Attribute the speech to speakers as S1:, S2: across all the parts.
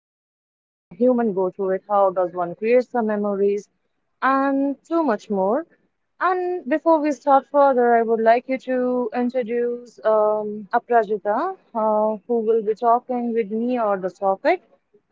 S1: does a human go through it, how does one create the memories, and so much more. And before we start further, I would like you to introduce Aparajita, who will be talking with me or the topic.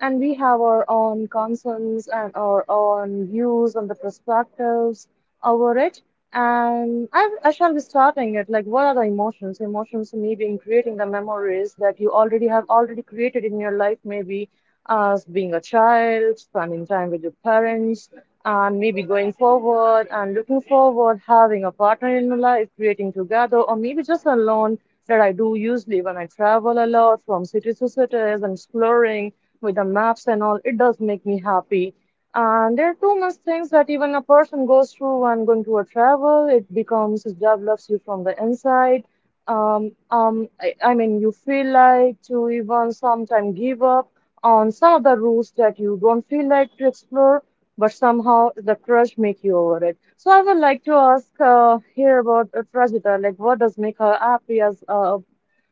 S1: And we have our own concerns and our own views on the perspectives over it. And I shall be starting it. Like, what are the emotions? Emotions may be in creating the memories that you already have already created in your life, maybe as being a child, spending time with your parents, and maybe going forward and looking forward, having a partner in my life, creating together, or maybe just alone that I do usually when I travel a lot from cities to cities and exploring with the maps and all, it does make me happy. And there are too much things that even a person goes through when going to a travel, it becomes, it develops you from the inside. I mean, you feel like to even sometimes give up on some of the routes that you don't feel like to explore, but somehow the crush make you over it. So I would like to ask here about Trajita, like what does make her happy as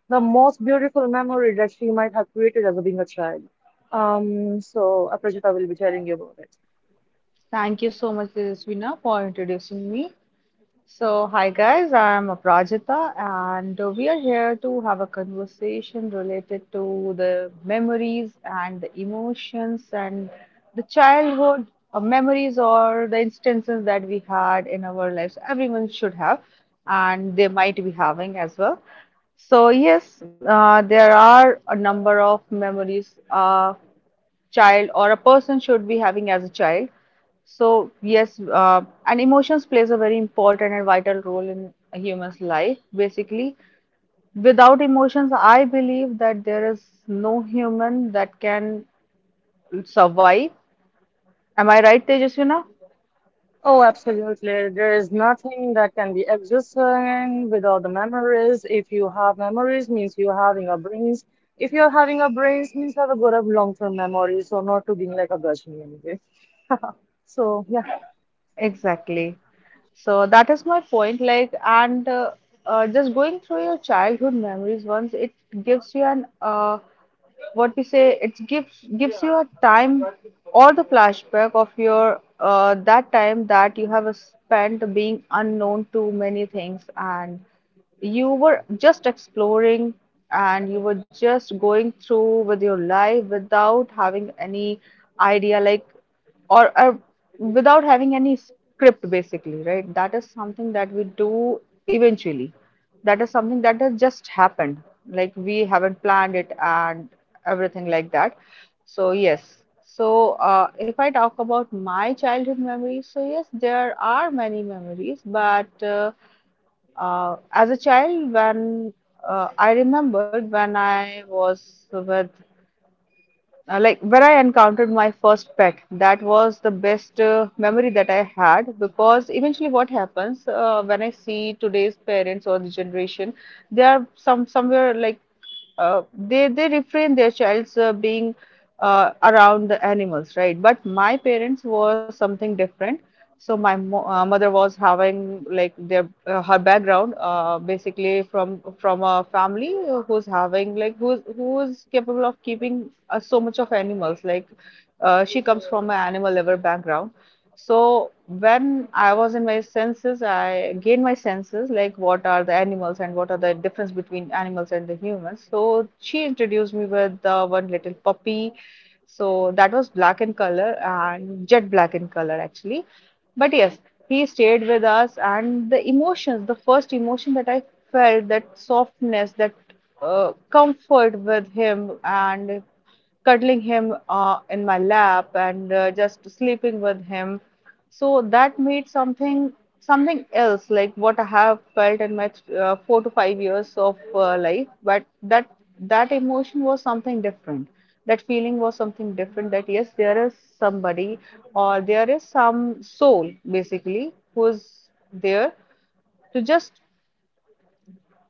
S1: the most beautiful memory that she might have created as a being a child? Trajita will be telling you about it.
S2: Thank you so much, Tejasvina, for introducing me. So, hi guys, I'm Aprajita, and we are here to have a conversation related to the memories and the emotions and the childhood memories or the instances that we had in our lives. Everyone should have, and they might be having as well. So, yes, there are a number of memories. Child or a person should be having as a child. So yes, and emotions plays a very important and vital role in a human's life. Basically, without emotions, I believe that there is no human that can survive. Am I right, Tejaswina?
S1: Oh, absolutely. There is nothing that can be existing without the memories. If you have memories, means you're having a brains. If you're having a brains, means you have a good of long-term memory, so not to being like a gushy anyway. So yeah,
S2: Exactly. So that is my point. Like, and just going through your childhood memories once, it gives you an what we say. It gives you a time or the flashback of your that time that you have spent being unknown to many things, and you were just exploring and you were just going through with your life without having any idea, like, or without having any script basically, right? That is something that we do eventually, that is something that has just happened, like we haven't planned it and everything like that. So yes, so if I talk about my childhood memories, so yes, there are many memories, but as a child, when I remembered when I was with, like, where I encountered my first pet, that was the best memory that I had. Because eventually what happens when I see today's parents or the generation, they are somewhere like they refrain their child's being around the animals, right? But my parents were something different. So my mo mother was having, like, their her background basically from a family who's having, like, who's capable of keeping so much of animals, like, she comes from an animal lover background. So when I was in my senses, I gained my senses, like, what are the animals and what are the difference between animals and the humans. So she introduced me with one little puppy, so that was black in color, and jet black in color, actually. But yes, he stayed with us, and the emotions, the first emotion that I felt, that softness, that comfort with him, and cuddling him in my lap, and just sleeping with him. So that made something, else, like, what I have felt in my 4 to 5 years of life, but that emotion was something different. That feeling was something different. That yes, there is somebody or there is some soul basically who is there to just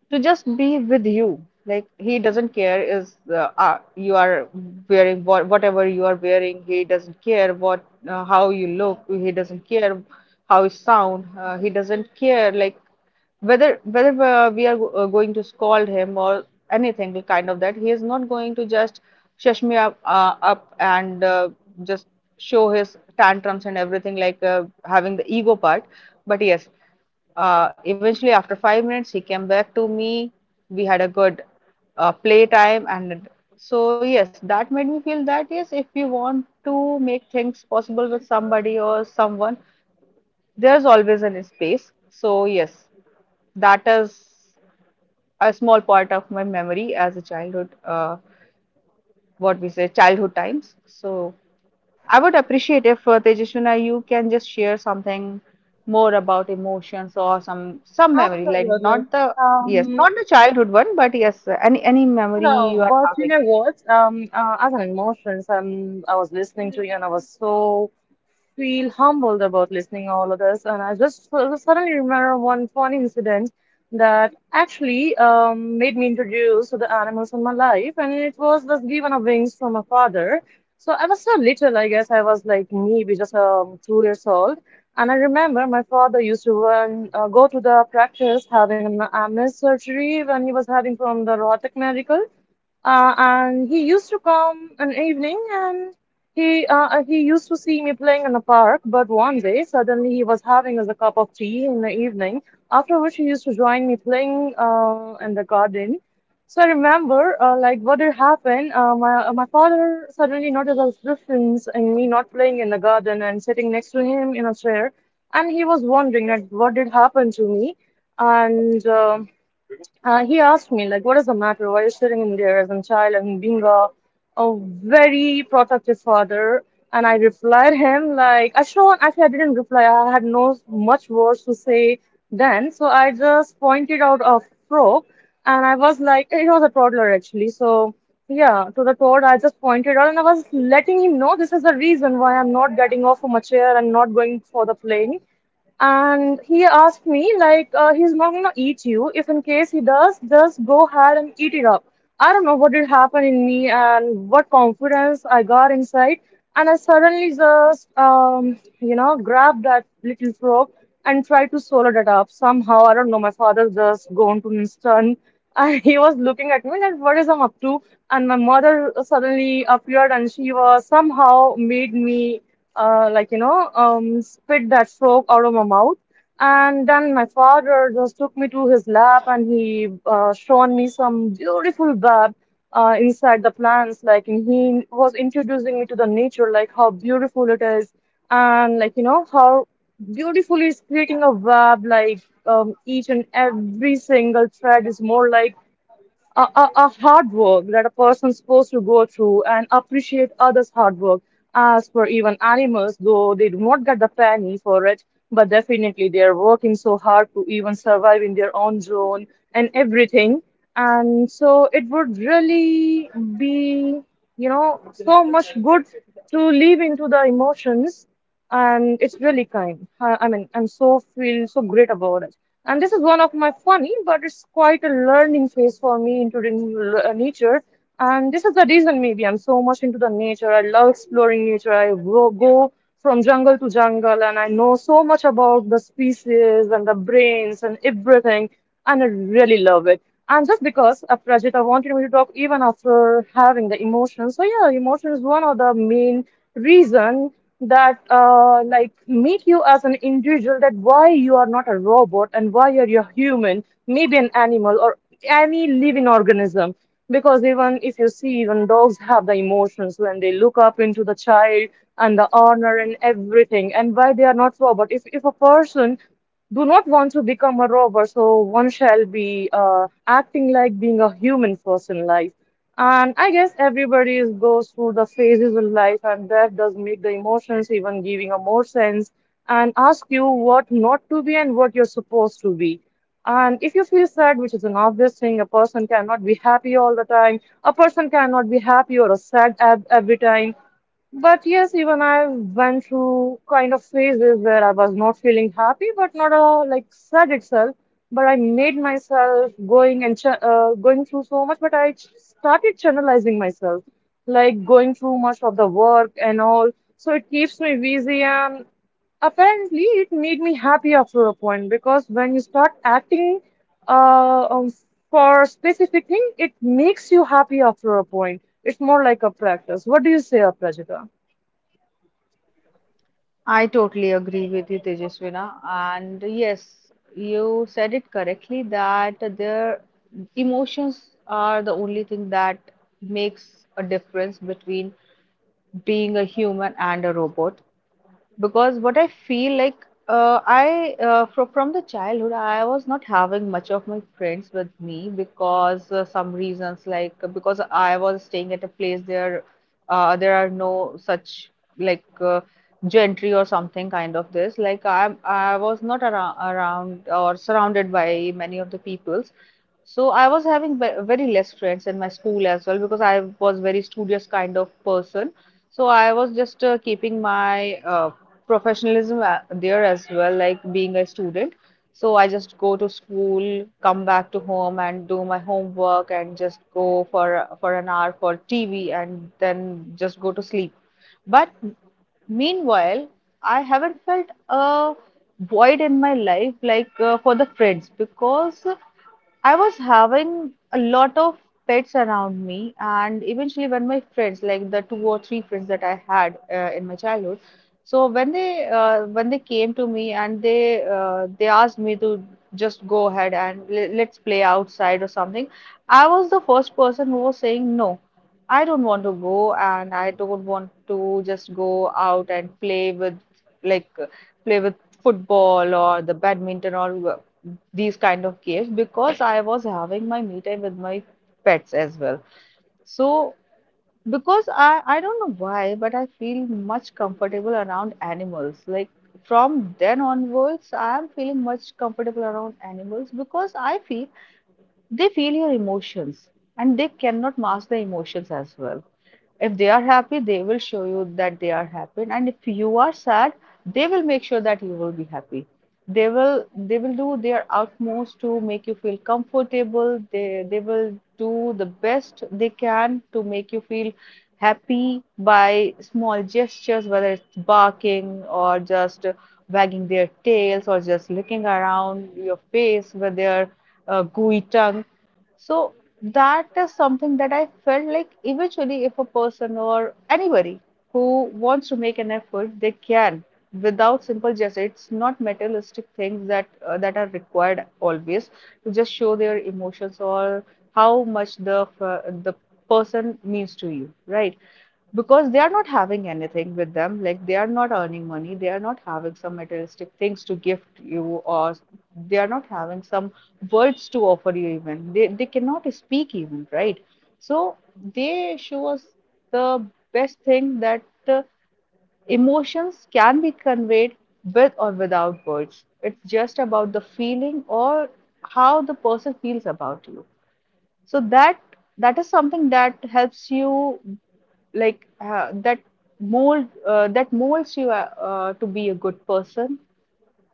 S2: be with you. Like, he doesn't care is, you are wearing, whatever you are wearing. He doesn't care what how you look. He doesn't care how you sound. He doesn't care, like, whether we are going to scold him or anything kind of that. He is not going to just shush me up and just show his tantrums and everything, like having the ego part. But yes. Eventually, after 5 minutes, he came back to me. We had a good play time, and so yes, that made me feel that yes, if you want to make things possible with somebody or someone, there's always an space. So yes, that is a small part of my memory as a childhood, what we say, childhood times. So I would appreciate if, Tejashwina, you can just share something more about emotions or some memory, like,
S1: absolutely.
S2: not the yes,
S1: Um,
S2: not the childhood one, but yes, any memory you
S1: no,
S2: are
S1: but you
S2: having.
S1: know what? As an emotions, I was listening to you and I was so feel humbled about listening all of this. And I just suddenly remember one funny incident that actually made me introduce to the animals in my life. And it was this given of wings from my father. So I was so little, I guess I was like maybe just 2 years old. And I remember my father used to run, go to the practice having an MS surgery when he was having from the rotic medical and he used to come an evening and he used to see me playing in the park. But one day suddenly he was having us a cup of tea in the evening, after which he used to join me playing in the garden. So I remember like what had happened. My my father suddenly noticed a difference in me not playing in the garden and sitting next to him in a chair, and he was wondering like what did happen to me. And He asked me, like, what is the matter? Why are you sitting in there as a child and being a very protective father? And I replied him, like, Ashwan, actually, I didn't reply. I had no much words to say then. So I just pointed out a frog, and I was like, it was a toddler actually. So yeah, to the toad, I just pointed out, and I was letting him know this is the reason why I'm not getting off from a chair and not going for the playing. And he asked me like he's not gonna eat you. If in case he does, just go ahead and eat it up. I don't know what did happen in me and what confidence I got inside, and I suddenly just you know, grabbed that little frog and tried to swallow it up somehow. I don't know, my father just gone to instant, and he was looking at me like what is I'm up to. And my mother suddenly appeared, and she was somehow made me like you know, spit that stroke out of my mouth. And then my father just took me to his lab, and he shown me some beautiful bath inside the plants. Like, and he was introducing me to the nature, like how beautiful it is, and like you know how beautifully it's creating a web. Like each and every single thread is more like a hard work that a person's supposed to go through and appreciate others' hard work. As for even animals, though they do not get the penny for it, but definitely they are working so hard to even survive in their own zone and everything. And so it would really be, you know, so much good to live into the emotions, and it's really kind. I mean, I'm so feel so great about it. And this is one of my funny, but it's quite a learning phase for me into the nature. And this is the reason maybe I'm so much into the nature. I love exploring nature. Go from jungle to jungle, and I know so much about the species and the brains and everything. And I really love it. And just because Prajita wanted me to talk even after having the emotions. So yeah, emotion is one of the main reason that like make you as an individual that why you are not a robot and why you're a human, maybe an animal or any living organism. Because even if you see, even dogs have the emotions when they look up into the child and the honor and everything, and why they are not robot. If a person do not want to become a robber, so one shall be acting like being a human first in life. And I guess everybody is, goes through the phases of life, and that does make the emotions even giving a more sense and ask you what not to be and what you're supposed to be. And if you feel sad, which is an obvious thing, a person cannot be happy all the time. A person cannot be happy or a sad every time. But yes, even I went through kind of phases where I was not feeling happy, but not like sad itself. But I made myself going and ch going through so much. But I started channelizing myself, like going through much of the work and all. So it keeps me busy, and apparently it made me happy after a point, because when you start acting uh, um, for a specific thing, it makes you happy after a point. It's more like a practice. What do you say, Aprajita?
S2: I totally agree with you, Tejaswina. And yes, you said it correctly that their emotions are the only thing that makes a difference between being a human and a robot. Because what I feel, like, I from the childhood I was not having much of my friends with me because some reasons, like, because I was staying at a place there, there are no such, like, gentry or something kind of this, like, I was not around or surrounded by many of the peoples, so I was having very less friends in my school as well because I was very studious kind of person. So I was just keeping my professionalism there as well, like being a student. So I just go to school, come back to home, and do my homework, and just go for an hour for TV, and then just go to sleep. But meanwhile, I haven't felt a void in my life, like, for the friends, because I was having a lot of pets around me. And eventually, when my friends, like the two or three friends that I had in my childhood, so when they came to me and they, they asked me to just go ahead and let's play outside or something, I was the first person who was saying no. I don't want to go, and I don't want to just go out and play with, like, play with football or the badminton or these kind of games, because I was having my me time with my pets as well. So because I don't know why, but I feel much comfortable around animals. Like, from then onwards, I am feeling much comfortable around animals because I feel they feel your emotions and they cannot mask the emotions as well. If they are happy, they will show you that they are happy. And if you are sad, they will make sure that you will be happy. They will do their utmost to make you feel comfortable. They will do the best they can to make you feel happy by small gestures, whether it's barking or just wagging their tails or just looking around your face with their gooey tongue. So that is something that I felt, like, eventually, if a person or anybody who wants to make an effort, they can without simple gesture. It's not materialistic things that that are required always to just show their emotions or how much the person means to you, right? Because they are not having anything with them, like they are not earning money, they are not having some materialistic things to gift you, or they are not having some words to offer you. Even they cannot speak, even, right? So they show us the best thing, that uh, emotions can be conveyed with or without words. It's just about the feeling or how the person feels about you. So that is something that helps you, like, that mold that molds you to be a good person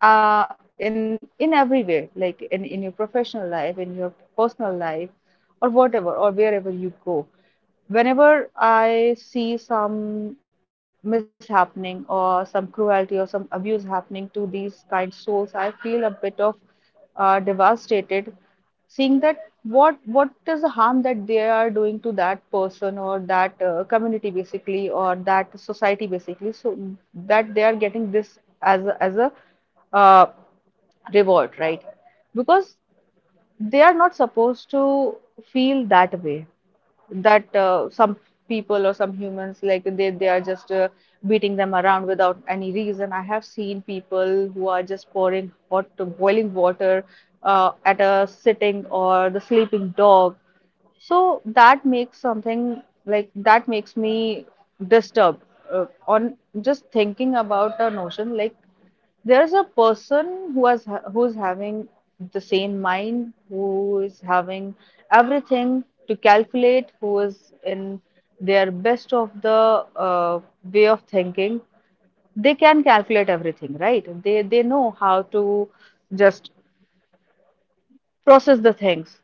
S2: in every way, like in, your professional life, in your personal life, or whatever, or wherever you go. Whenever I see some mishappening or some cruelty or some abuse happening to these kind souls, I feel a bit of devastated, seeing that what is the harm that they are doing to that person or that community basically, or that society basically, so that they are getting this as a uh, reward, right? Because they are not supposed to feel that way. That some people or some humans, like they are just beating them around without any reason. I have seen people who are just pouring hot boiling water at a sitting or the sleeping dog. So that makes something, like, that makes me disturbed on just thinking about a notion, like, there's a person who's having the same mind, who is having everything to calculate, who is in their best of the way of thinking, they can calculate everything, right? They know how to just process the things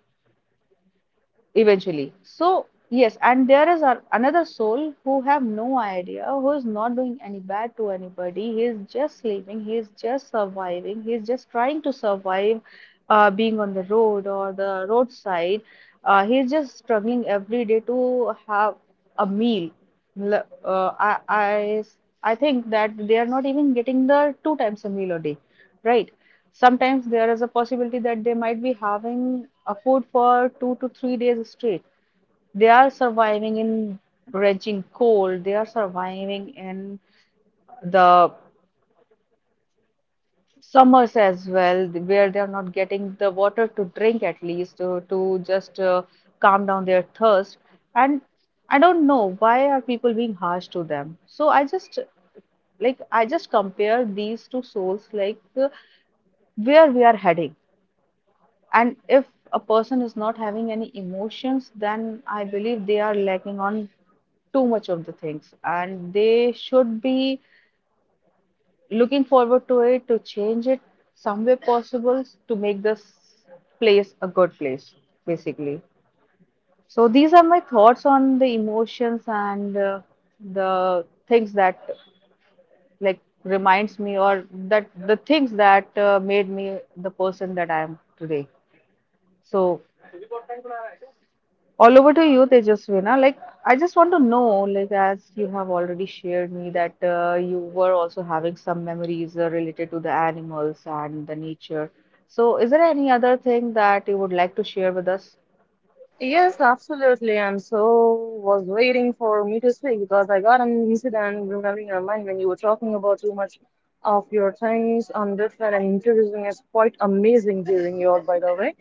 S2: eventually. So, yes, and there is another soul who have no idea, who is not doing any bad to anybody. He is just sleeping, he is just surviving, he is just trying to survive being on the road or the roadside. He is just struggling every day to have a meal. L- Uh, I, I, I think that they are not even getting the two times a meal a day, right? Sometimes there is a possibility that they might be having a food for 2 to 3 days straight. They are surviving in raging cold, they are surviving in the summers as well, where they are not getting the water to drink, at least to just calm down their thirst. And I don't know why are people being harsh to them. So I just, like, I just compare these two souls, like where we are heading. And if a person is not having any emotions, then I believe they are lacking on too much of the things, and they should be looking forward to it, to change it some way possible, to make this place a good place, basically. So these are my thoughts on the emotions and the things that, like, reminds me, or that the things that made me the person that I am today. So all over to you, Tejasvina. Like, I just want to know, like, as you have already shared me that you were also having some memories related to the animals and the nature. So, is there any other thing that you would like to share with us?
S1: Yes, absolutely. And so was waiting for me to speak because I got an incident remembering your mind when you were talking about too much of your things on different, and introducing is quite amazing during your by the way.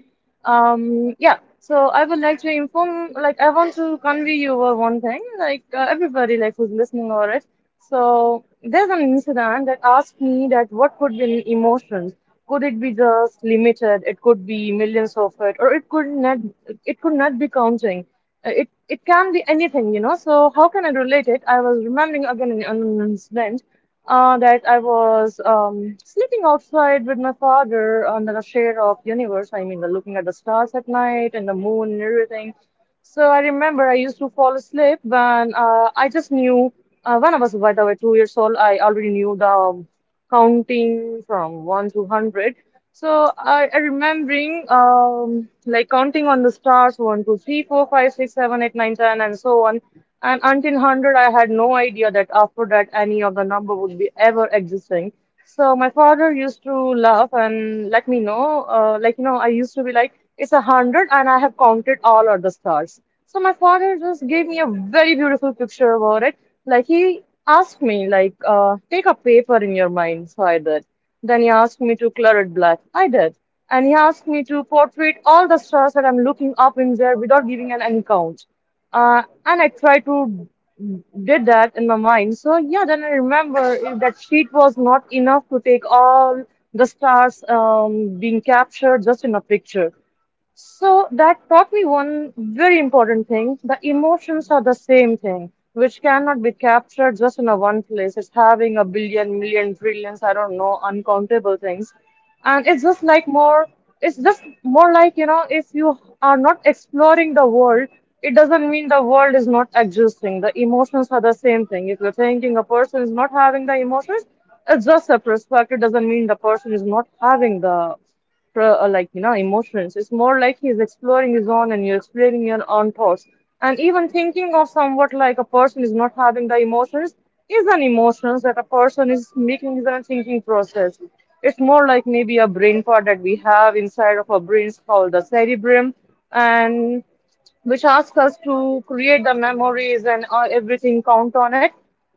S1: yeah, so I would like to inform, like I want to convey you over one thing, like everybody like who's listening over it. So there's an incident that asked me that what could be emotions, could it be just limited, it could be millions of it, or it could not, it could not be counting. It it can be anything, you know. So how can I relate it? I was remembering again an incident that I was sleeping outside with my father under the shade of universe. I mean, the looking at the stars at night and the moon and everything. So I remember I used to fall asleep when I just knew when I was, by the way, 2 years old, I already knew the counting from 1 to 100. So I remembering like counting on the stars 1, 2, 3, 4, 5, 6, 7, 8, 9, 10, and so on. And until 100, I had no idea that after that any of the number would be ever existing. So my father used to laugh and let me know, like, you know, I used to be like, it's 100 and I have counted all other stars. So my father just gave me a very beautiful picture about it. Like he asked me, like, take a paper in your mind. So I did. Then he asked me to color it black. I did. And he asked me to portray all the stars that I'm looking up in there without giving an any count. And I tried to did that in my mind. So yeah, then I remember that sheet was not enough to take all the stars being captured just in a picture. So that taught me one very important thing. The emotions are the same thing, which cannot be captured just in a one place. It's having a billion, million, trillions, I don't know, uncountable things. And it's just like it's just more like, you know, if you are not exploring the world, it doesn't mean the world is not existing. The emotions are the same thing. If you're thinking a person is not having the emotions, it's just a perspective. It doesn't mean the person is not having the like you know emotions. It's more like he's exploring his own and you're exploring your own thoughts, and even thinking of somewhat like a person is not having the emotions is an emotions that a person is making is a thinking process. It's more like maybe a brain part that we have inside of our brains called the cerebrum and which asks us to create the memories, and everything count on it.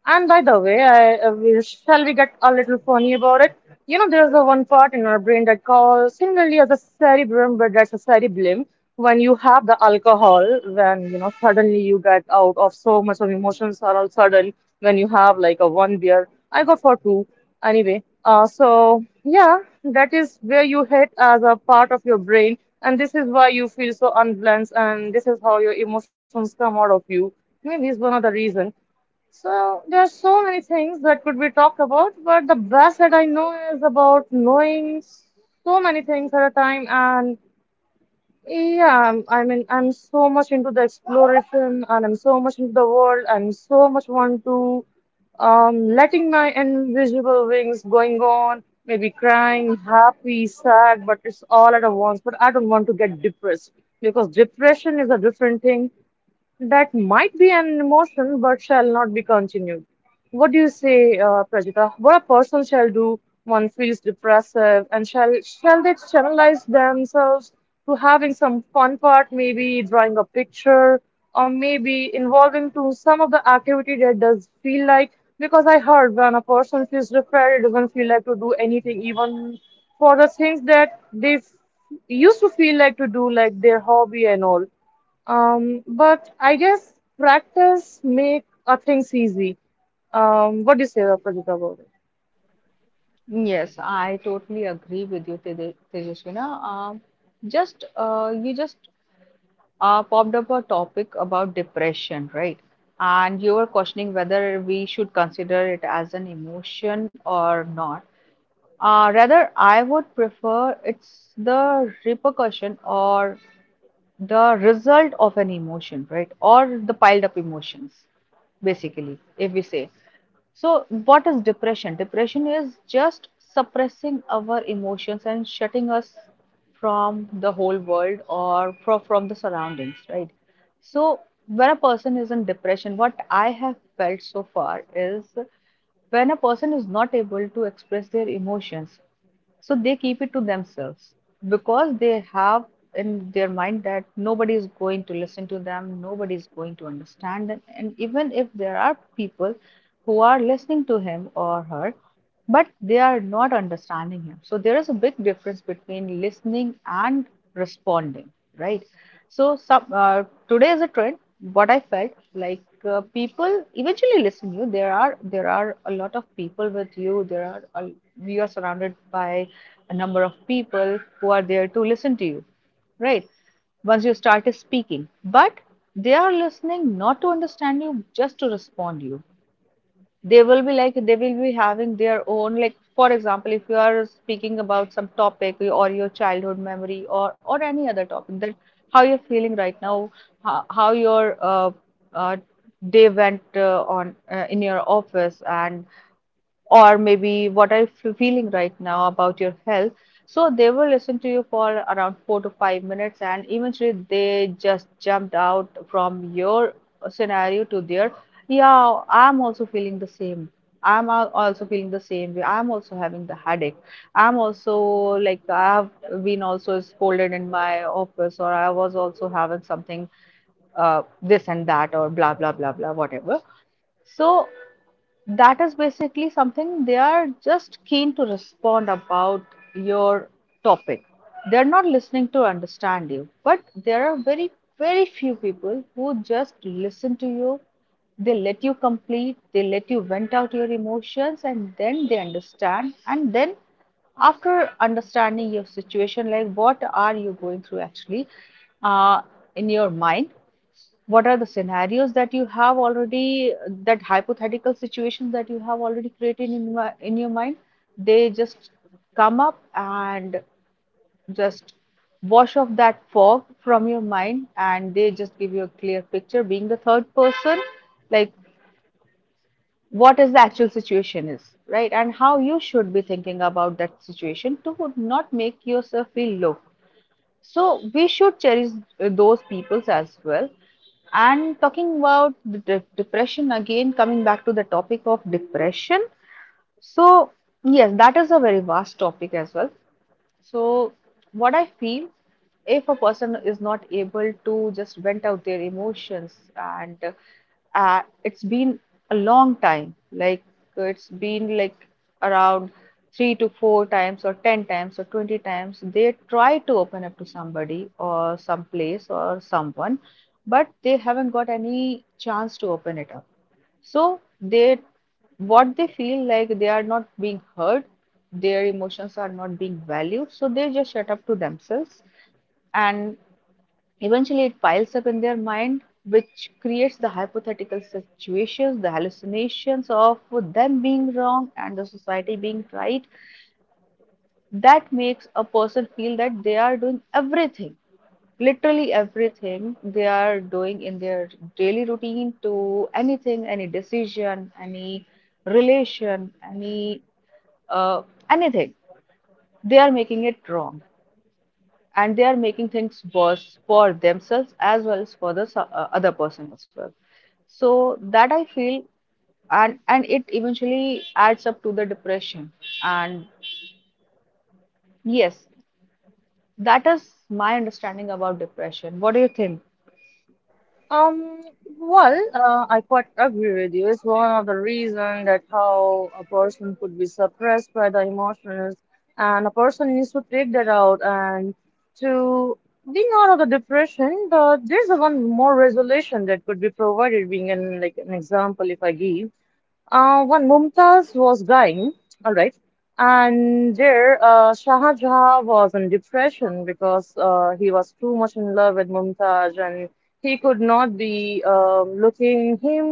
S1: And by the way, shall we get a little funny about it? You know, there's a one part in our brain that calls similarly as a cerebrum, but that's a cerebellum. When you have the alcohol, when you know suddenly you get out of so much of emotions are all sudden. When you have like a one beer, I got for two anyway. So yeah, that is where you hit as a part of your brain, and this is why you feel so unbalanced, and this is how your emotions come out of you. Maybe it's one of the reason. So there are so many things that could be talked about, but the best that I know is about knowing so many things at a time and. Yeah, I mean, I'm so much into the exploration and I'm so much into the world. I'm so much want to letting my invisible wings going on, maybe crying, happy, sad, but it's all at a once. But I don't want to get depressed because depression is a different thing. That might be an emotion, but shall not be continued. What do you say, Prajita? What a person shall do one feels depressive, and shall they channelize themselves to having some fun part, maybe drawing a picture, or maybe involving to some of the activity that does feel like. Because I heard when a person feels depressed, it doesn't feel like to do anything, even for the things that they used to feel like to do, like their hobby and all. But I guess practice make things easy. What do you say, Prajita, about it?
S2: Yes, I totally agree with you, Tejasvina. Just you just popped up a topic about depression, right? And you were questioning whether we should consider it as an emotion or not. Rather, I would prefer it's the repercussion or the result of an emotion, right? Or the piled up emotions, basically, if we say. So, what is depression? Depression is just suppressing our emotions and shutting us from the whole world, or from the surroundings, right? So, when a person is in depression, what I have felt so far is, when a person is not able to express their emotions, so they keep it to themselves, because they have in their mind that nobody is going to listen to them, nobody is going to understand them. And even if there are people who are listening to him or her, but they are not understanding him. So there is a big difference between listening and responding, right? So some, today is a trend. What I felt like, people eventually listen you. There are a lot of people with you. There are a, we are surrounded by a number of people who are there to listen to you, right? Once you start speaking, but they are listening not to understand you, just to respond you. They will be like, they will be having their own, like, for example, if you are speaking about some topic, or your childhood memory, or any other topic, that how you're feeling right now, how your uh, day went on in your office, and or maybe what are you feeling right now about your health. So they will listen to you for around 4 to 5 minutes, and eventually they just jumped out from your scenario to their, yeah, I'm also feeling the same. Also feeling the same way. I'm also having the headache. I'm also, like, I've been also scolded in my office, or I was also having something, this and that, or blah blah blah blah, whatever. So that is basically something they are just keen to respond about your topic. They're not listening to understand you, but there are very few people who just listen to you. They let you complete, they let you vent out your emotions, and then they understand. And then, after understanding your situation, like what are you going through actually uh, in your mind, what are the scenarios that you have already, that hypothetical situations that you have already created in in your mind, they just come up and just wash off that fog from your mind, and they just give you a clear picture being the third person, like what is the actual situation is, right? And how you should be thinking about that situation to not make yourself feel low. So we should cherish those peoples as well. And talking about the depression again, coming back to the topic of depression. So yes, that is a very vast topic as well. So, what I feel, if a person is not able to just vent out their emotions, and it's been a long time, like it's been like around three to four times, or 10 times, or 20 times, they try to open up to somebody, or some place, or someone, but they haven't got any chance to open it up. So they, what they feel like, they are not being heard, their emotions are not being valued, so they just shut up to themselves, and eventually it piles up in their mind, which creates the hypothetical situations, the hallucinations of them being wrong and the society being right, that makes a person feel that they are doing everything, literally everything they are doing in their daily routine, to anything, any decision, any relation, any uh, anything, they are making it wrong, and they are making things worse for themselves as well as for the other person as well. So that I feel. And it eventually adds up to the depression. And yes, that is my understanding about depression. What do you think?
S1: Um, well, I quite agree with you. It's one of the reasons that how a person could be suppressed by the emotions, and a person needs to take that out and to being out of the depression. But there's a one more resolution that could be provided. Being an like an example, if I give. When Mumtaz was dying, all right, and there Shah Jahan was in depression because he was too much in love with Mumtaz, and he could not be looking him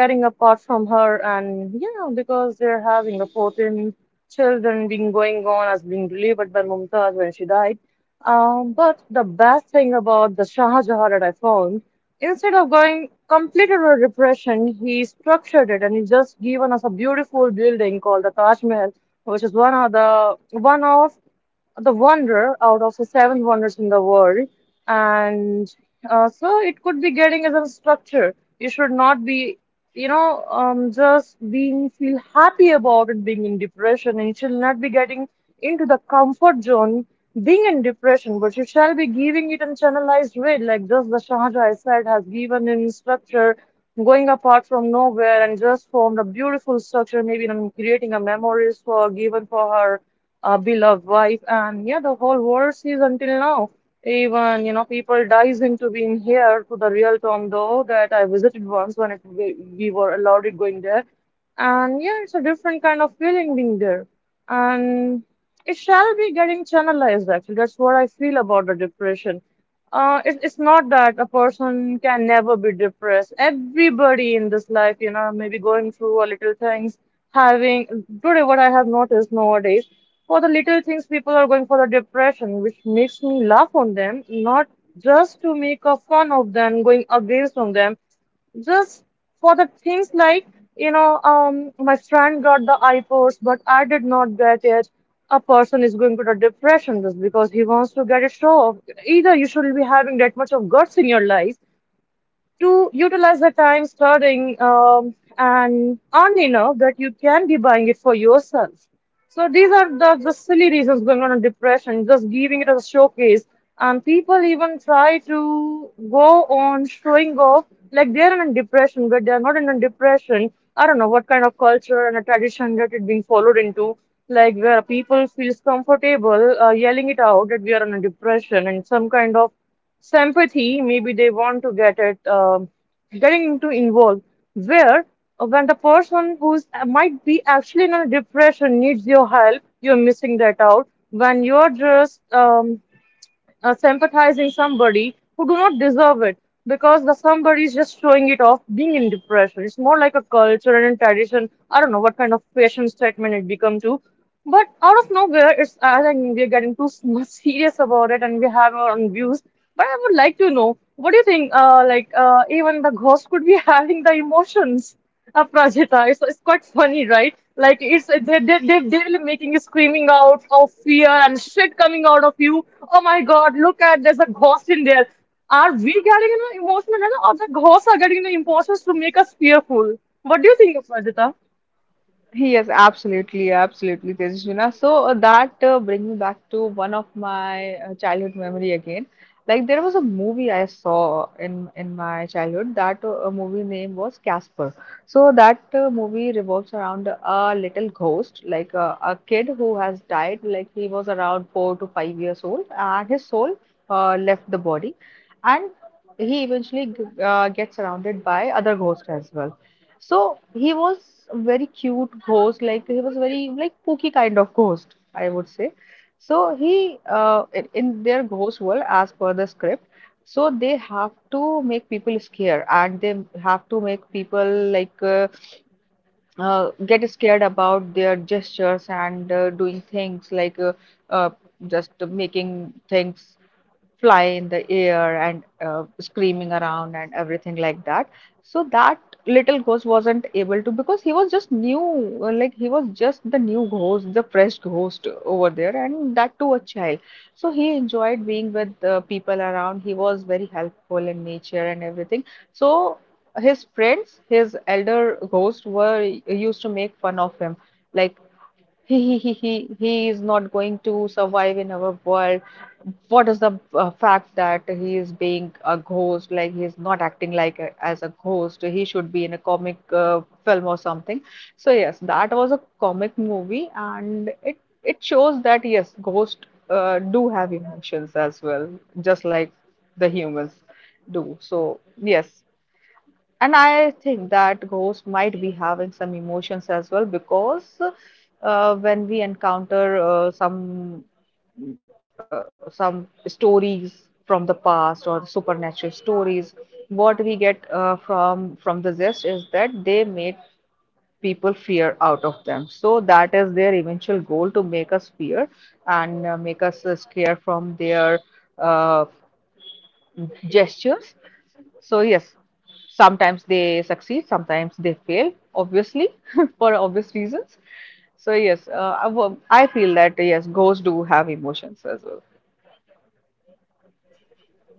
S1: getting apart from her. And yeah, because they're having the 14 children being going on as being delivered by Mumtaz when she died. But the best thing about the Shah Jahan that I found. Instead of going complete over repression, he structured it and he just given us a beautiful building called the Taj Mahal, which is one of the wonder out of the seven wonders in the world. And so it could be getting as a structure. You should not be, you know, just being feel happy about it being in depression, and you should not be getting into the comfort zone being in depression, but you shall be giving it in channelized way, like just the Shahjahan I said has given in structure, going apart from nowhere and just formed a beautiful structure, maybe in creating a memories for given for her a beloved wife. And yeah, the whole world sees until now, even you know people dives into being here to the real tom though that I visited once when we were allowed it going there. And yeah, it's a different kind of feeling being there. And it shall be getting channelized actually. That's what I feel about the depression. It's not that a person can never be depressed. Everybody in this life, you know, maybe going through a little things, having today what I have noticed nowadays, for the little things people are going for the depression, which makes me laugh on them, not just to make a fun of them, going against on them, just for the things like you know my friend got the iPods but I did not get it. A person is going to the depression just because he wants to get it show off. Either you should be having that much of guts in your life to utilize the time studying and earn enough that you can be buying it for yourself. So these are the silly reasons going on in depression, just giving it as a showcase. And people even try to go on showing off like they're in a depression, but they're not in a depression. I don't know what kind of culture and a tradition that it being followed into, like where people feels comfortable yelling it out that we are in a depression and some kind of so empathy, maybe they want to get it, getting into involved. Where when the person who's might be actually in a depression needs your help, you're missing that out. When you're just sympathizing somebody who do not deserve it because the somebody is just showing it off being in depression. It's more like a culture and a tradition. I don't know what kind of fashion statement it become to. But out of nowhere, it's I think we're getting too much serious about it, and we have our own views. But I would like to know, what do you think? Even the ghost could be having the emotions. A Prajita. It's quite funny, right? Like it's they will making you screaming out of fear and shit coming out of you. Oh my God! Look at there's a ghost in there. Are we getting you know, emotional, you know, or the ghosts are getting the emotions to make us fearful? What do you think of Prajita?
S2: Yes, absolutely, absolutely, Tejasvina. So that brings me back to one of my childhood memory again. Like there was a movie I saw in my childhood. That movie name was Casper. So that movie revolves around a little ghost, like a kid who has died. Like he was around 4 to 5 years old, and his soul left the body, and he eventually gets surrounded by other ghosts as well. So he was very cute ghost, like he was very like spooky kind of ghost, I would say. So he, in their ghost world, as per the script, so they have to make people scared, and they have to make people like get scared about their gestures and doing things like uh, just making things fly in the air and screaming around and everything like that. So that little ghost wasn't able to, because he was just new, like he was just the new ghost, the fresh ghost over there, and that too a child. So he enjoyed being with the people around. He was very helpful in nature and everything. So his friends, his elder ghosts were used to make fun of him, like. He, he, he, he is not going to survive in our world. What is the fact that he is being a ghost, like he is not acting like a, as a ghost, he should be in a comic film or something. So yes, that was a comic movie, and it shows that yes, ghosts do have emotions as well, just like the humans do. So yes, and I think that ghosts might be having some emotions as well, because when we encounter some, some stories from the past or supernatural stories, what we get from the zest is that they made people fear out of them. So that is their eventual goal, to make us fear and make us scared from their uh, gestures. So yes, sometimes they succeed, sometimes they fail, obviously for obvious reasons. So yes, I feel that yes, ghosts do have emotions as well.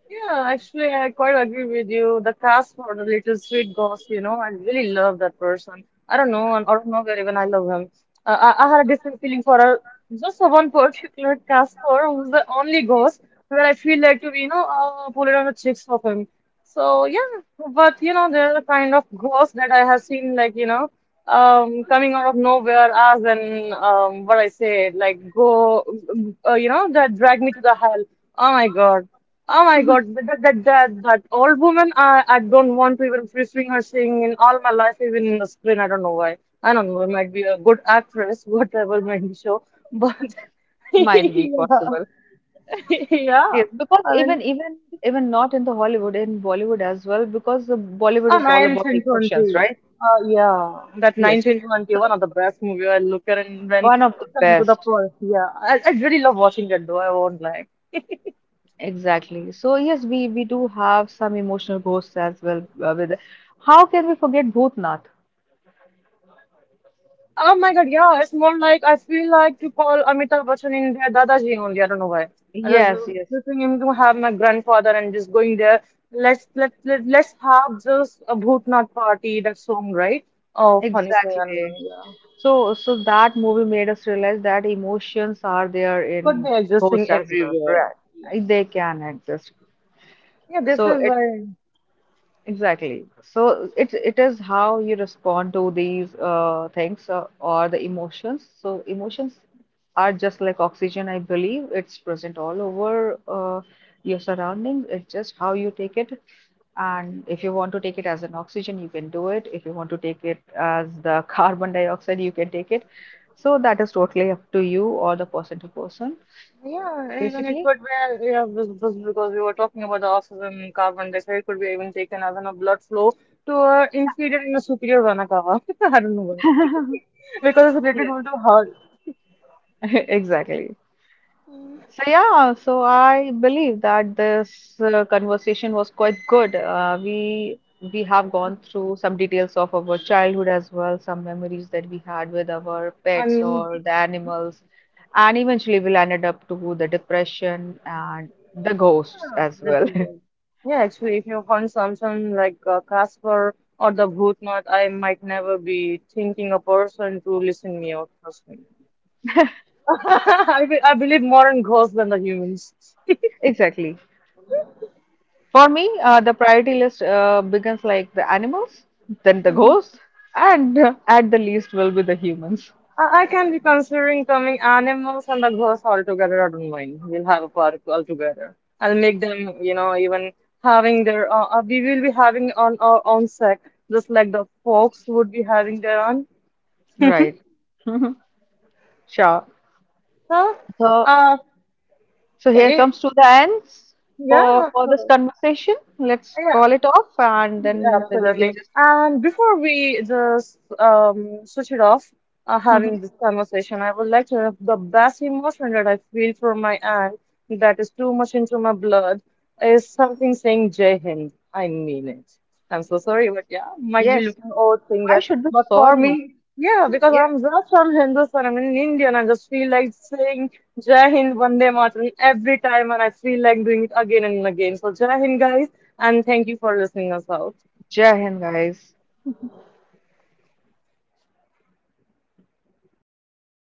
S1: Yeah, actually, I quite agree with you. The cast for the Little Sweet Ghost, you know, I really love that person. I don't know, and out of nowhere, even I love him. I had a different feeling for a, just for one particular cast for who's the only ghost where I feel like to, you know, pull it on the cheeks of him. So yeah, but you know, there are kind of ghosts that I have seen, like you know, coming out of nowhere, as and what I say, like you know, that drag me to the hell. Oh my God, oh my God, that that old woman, I don't want to even pursuing her singing in all my life, even in the screen. I don't know why. I don't know. It might be a good actress, whatever might be show, but
S2: Might be
S1: yeah,
S2: possible.
S1: yeah.
S2: Yes, because
S1: I mean.
S2: even, even not in the Hollywood, in Bollywood as well, because the Bollywood
S1: Oh,
S2: is all about emotions,
S1: 1920.
S2: right?
S1: Yeah, that
S2: Yes.
S1: 1920,
S2: So
S1: one of the best movie. I look at it and when
S2: one of the
S1: it comes to the
S2: best.
S1: first, yeah. I really love watching it though, I won't like.
S2: Exactly. So yes, we do have some emotional ghosts as well, with, how can we forget Bhutnath?
S1: Oh my God, yeah, it's more like I feel like to call Amitabh Bachchan in there Dadaji only, I don't know why. I just
S2: Yes, yes,
S1: preferring him to have my grandfather and just going there. Let's let, let let's have just a bhootnath party, that song, right? Oh, funny song, I don't
S2: exactly.
S1: know, yeah.
S2: So, so that movie made us realize that emotions are there
S1: Could
S2: in
S1: be
S2: ghosts
S1: existing
S2: as well,
S1: everywhere.
S2: right? They can exist.
S1: Yeah, this
S2: So
S1: is
S2: it,
S1: why.
S2: exactly. So it is how you respond to these things, or the emotions. So emotions are just like oxygen, I believe. It's present all over your surroundings. It's just how you take it. And if you want to take it as an oxygen, you can do it. If you want to take it as the carbon dioxide, you can take it. So that is totally up to you, or the person to person,
S1: Yeah, even it
S2: basically.
S1: could be, yeah, because we were talking about the oxygen, carbon dioxide, it could be even taken as in a blood flow to a inferior and a superior vena cava. I don't know why. Because it's
S2: Yes.
S1: related to heart.
S2: Exactly. So yeah, so I believe that this conversation was quite good. We have gone through some details of our childhood as well, some memories that we had with our pets
S1: And
S2: or the animals, and eventually we landed up to the depression and the ghosts
S1: yeah,
S2: as
S1: that's
S2: well.
S1: weird. Yeah, actually, if you find something like Casper or the Bhootnath, I might never be thinking a person to listen me out, trust me. I believe more in ghosts than the humans.
S2: Exactly. For me, the priority list begins like the animals, then the ghosts, and at the least will be the humans.
S1: I can be considering coming animals and the ghosts all together. I don't mind. We'll have a park all together. I'll make them, you know, even having their. We will be having on our own sec, just like the folks would be having their own.
S2: Right. Sure.
S1: So,
S2: So,
S1: uh,
S2: so here
S1: it,
S2: comes to the ends for
S1: yeah,
S2: this
S1: of
S2: conversation. Let's
S1: course.
S2: call it off, and
S1: Yeah,
S2: then we can
S1: absolutely.
S2: just.
S1: And before we just switch it off,
S2: Mhm.
S1: having this conversation, I would like to have the best emotion that I feel for my aunt that is too much into my blood is something saying Jai Hind. I mean it. I'm so sorry, but yeah, might be
S2: Yes.
S1: looking old saying
S2: Why
S1: that.
S2: should be
S1: But for
S2: sorry?
S1: me, yeah, because
S2: Yeah.
S1: I'm just from Hindustan. I'm in India, and I just feel like saying Jai Hind, Vande Mataram every time, and I feel like doing it again and again. So Jai Hind, guys, and thank you for listening us out.
S2: Jai Hind, guys.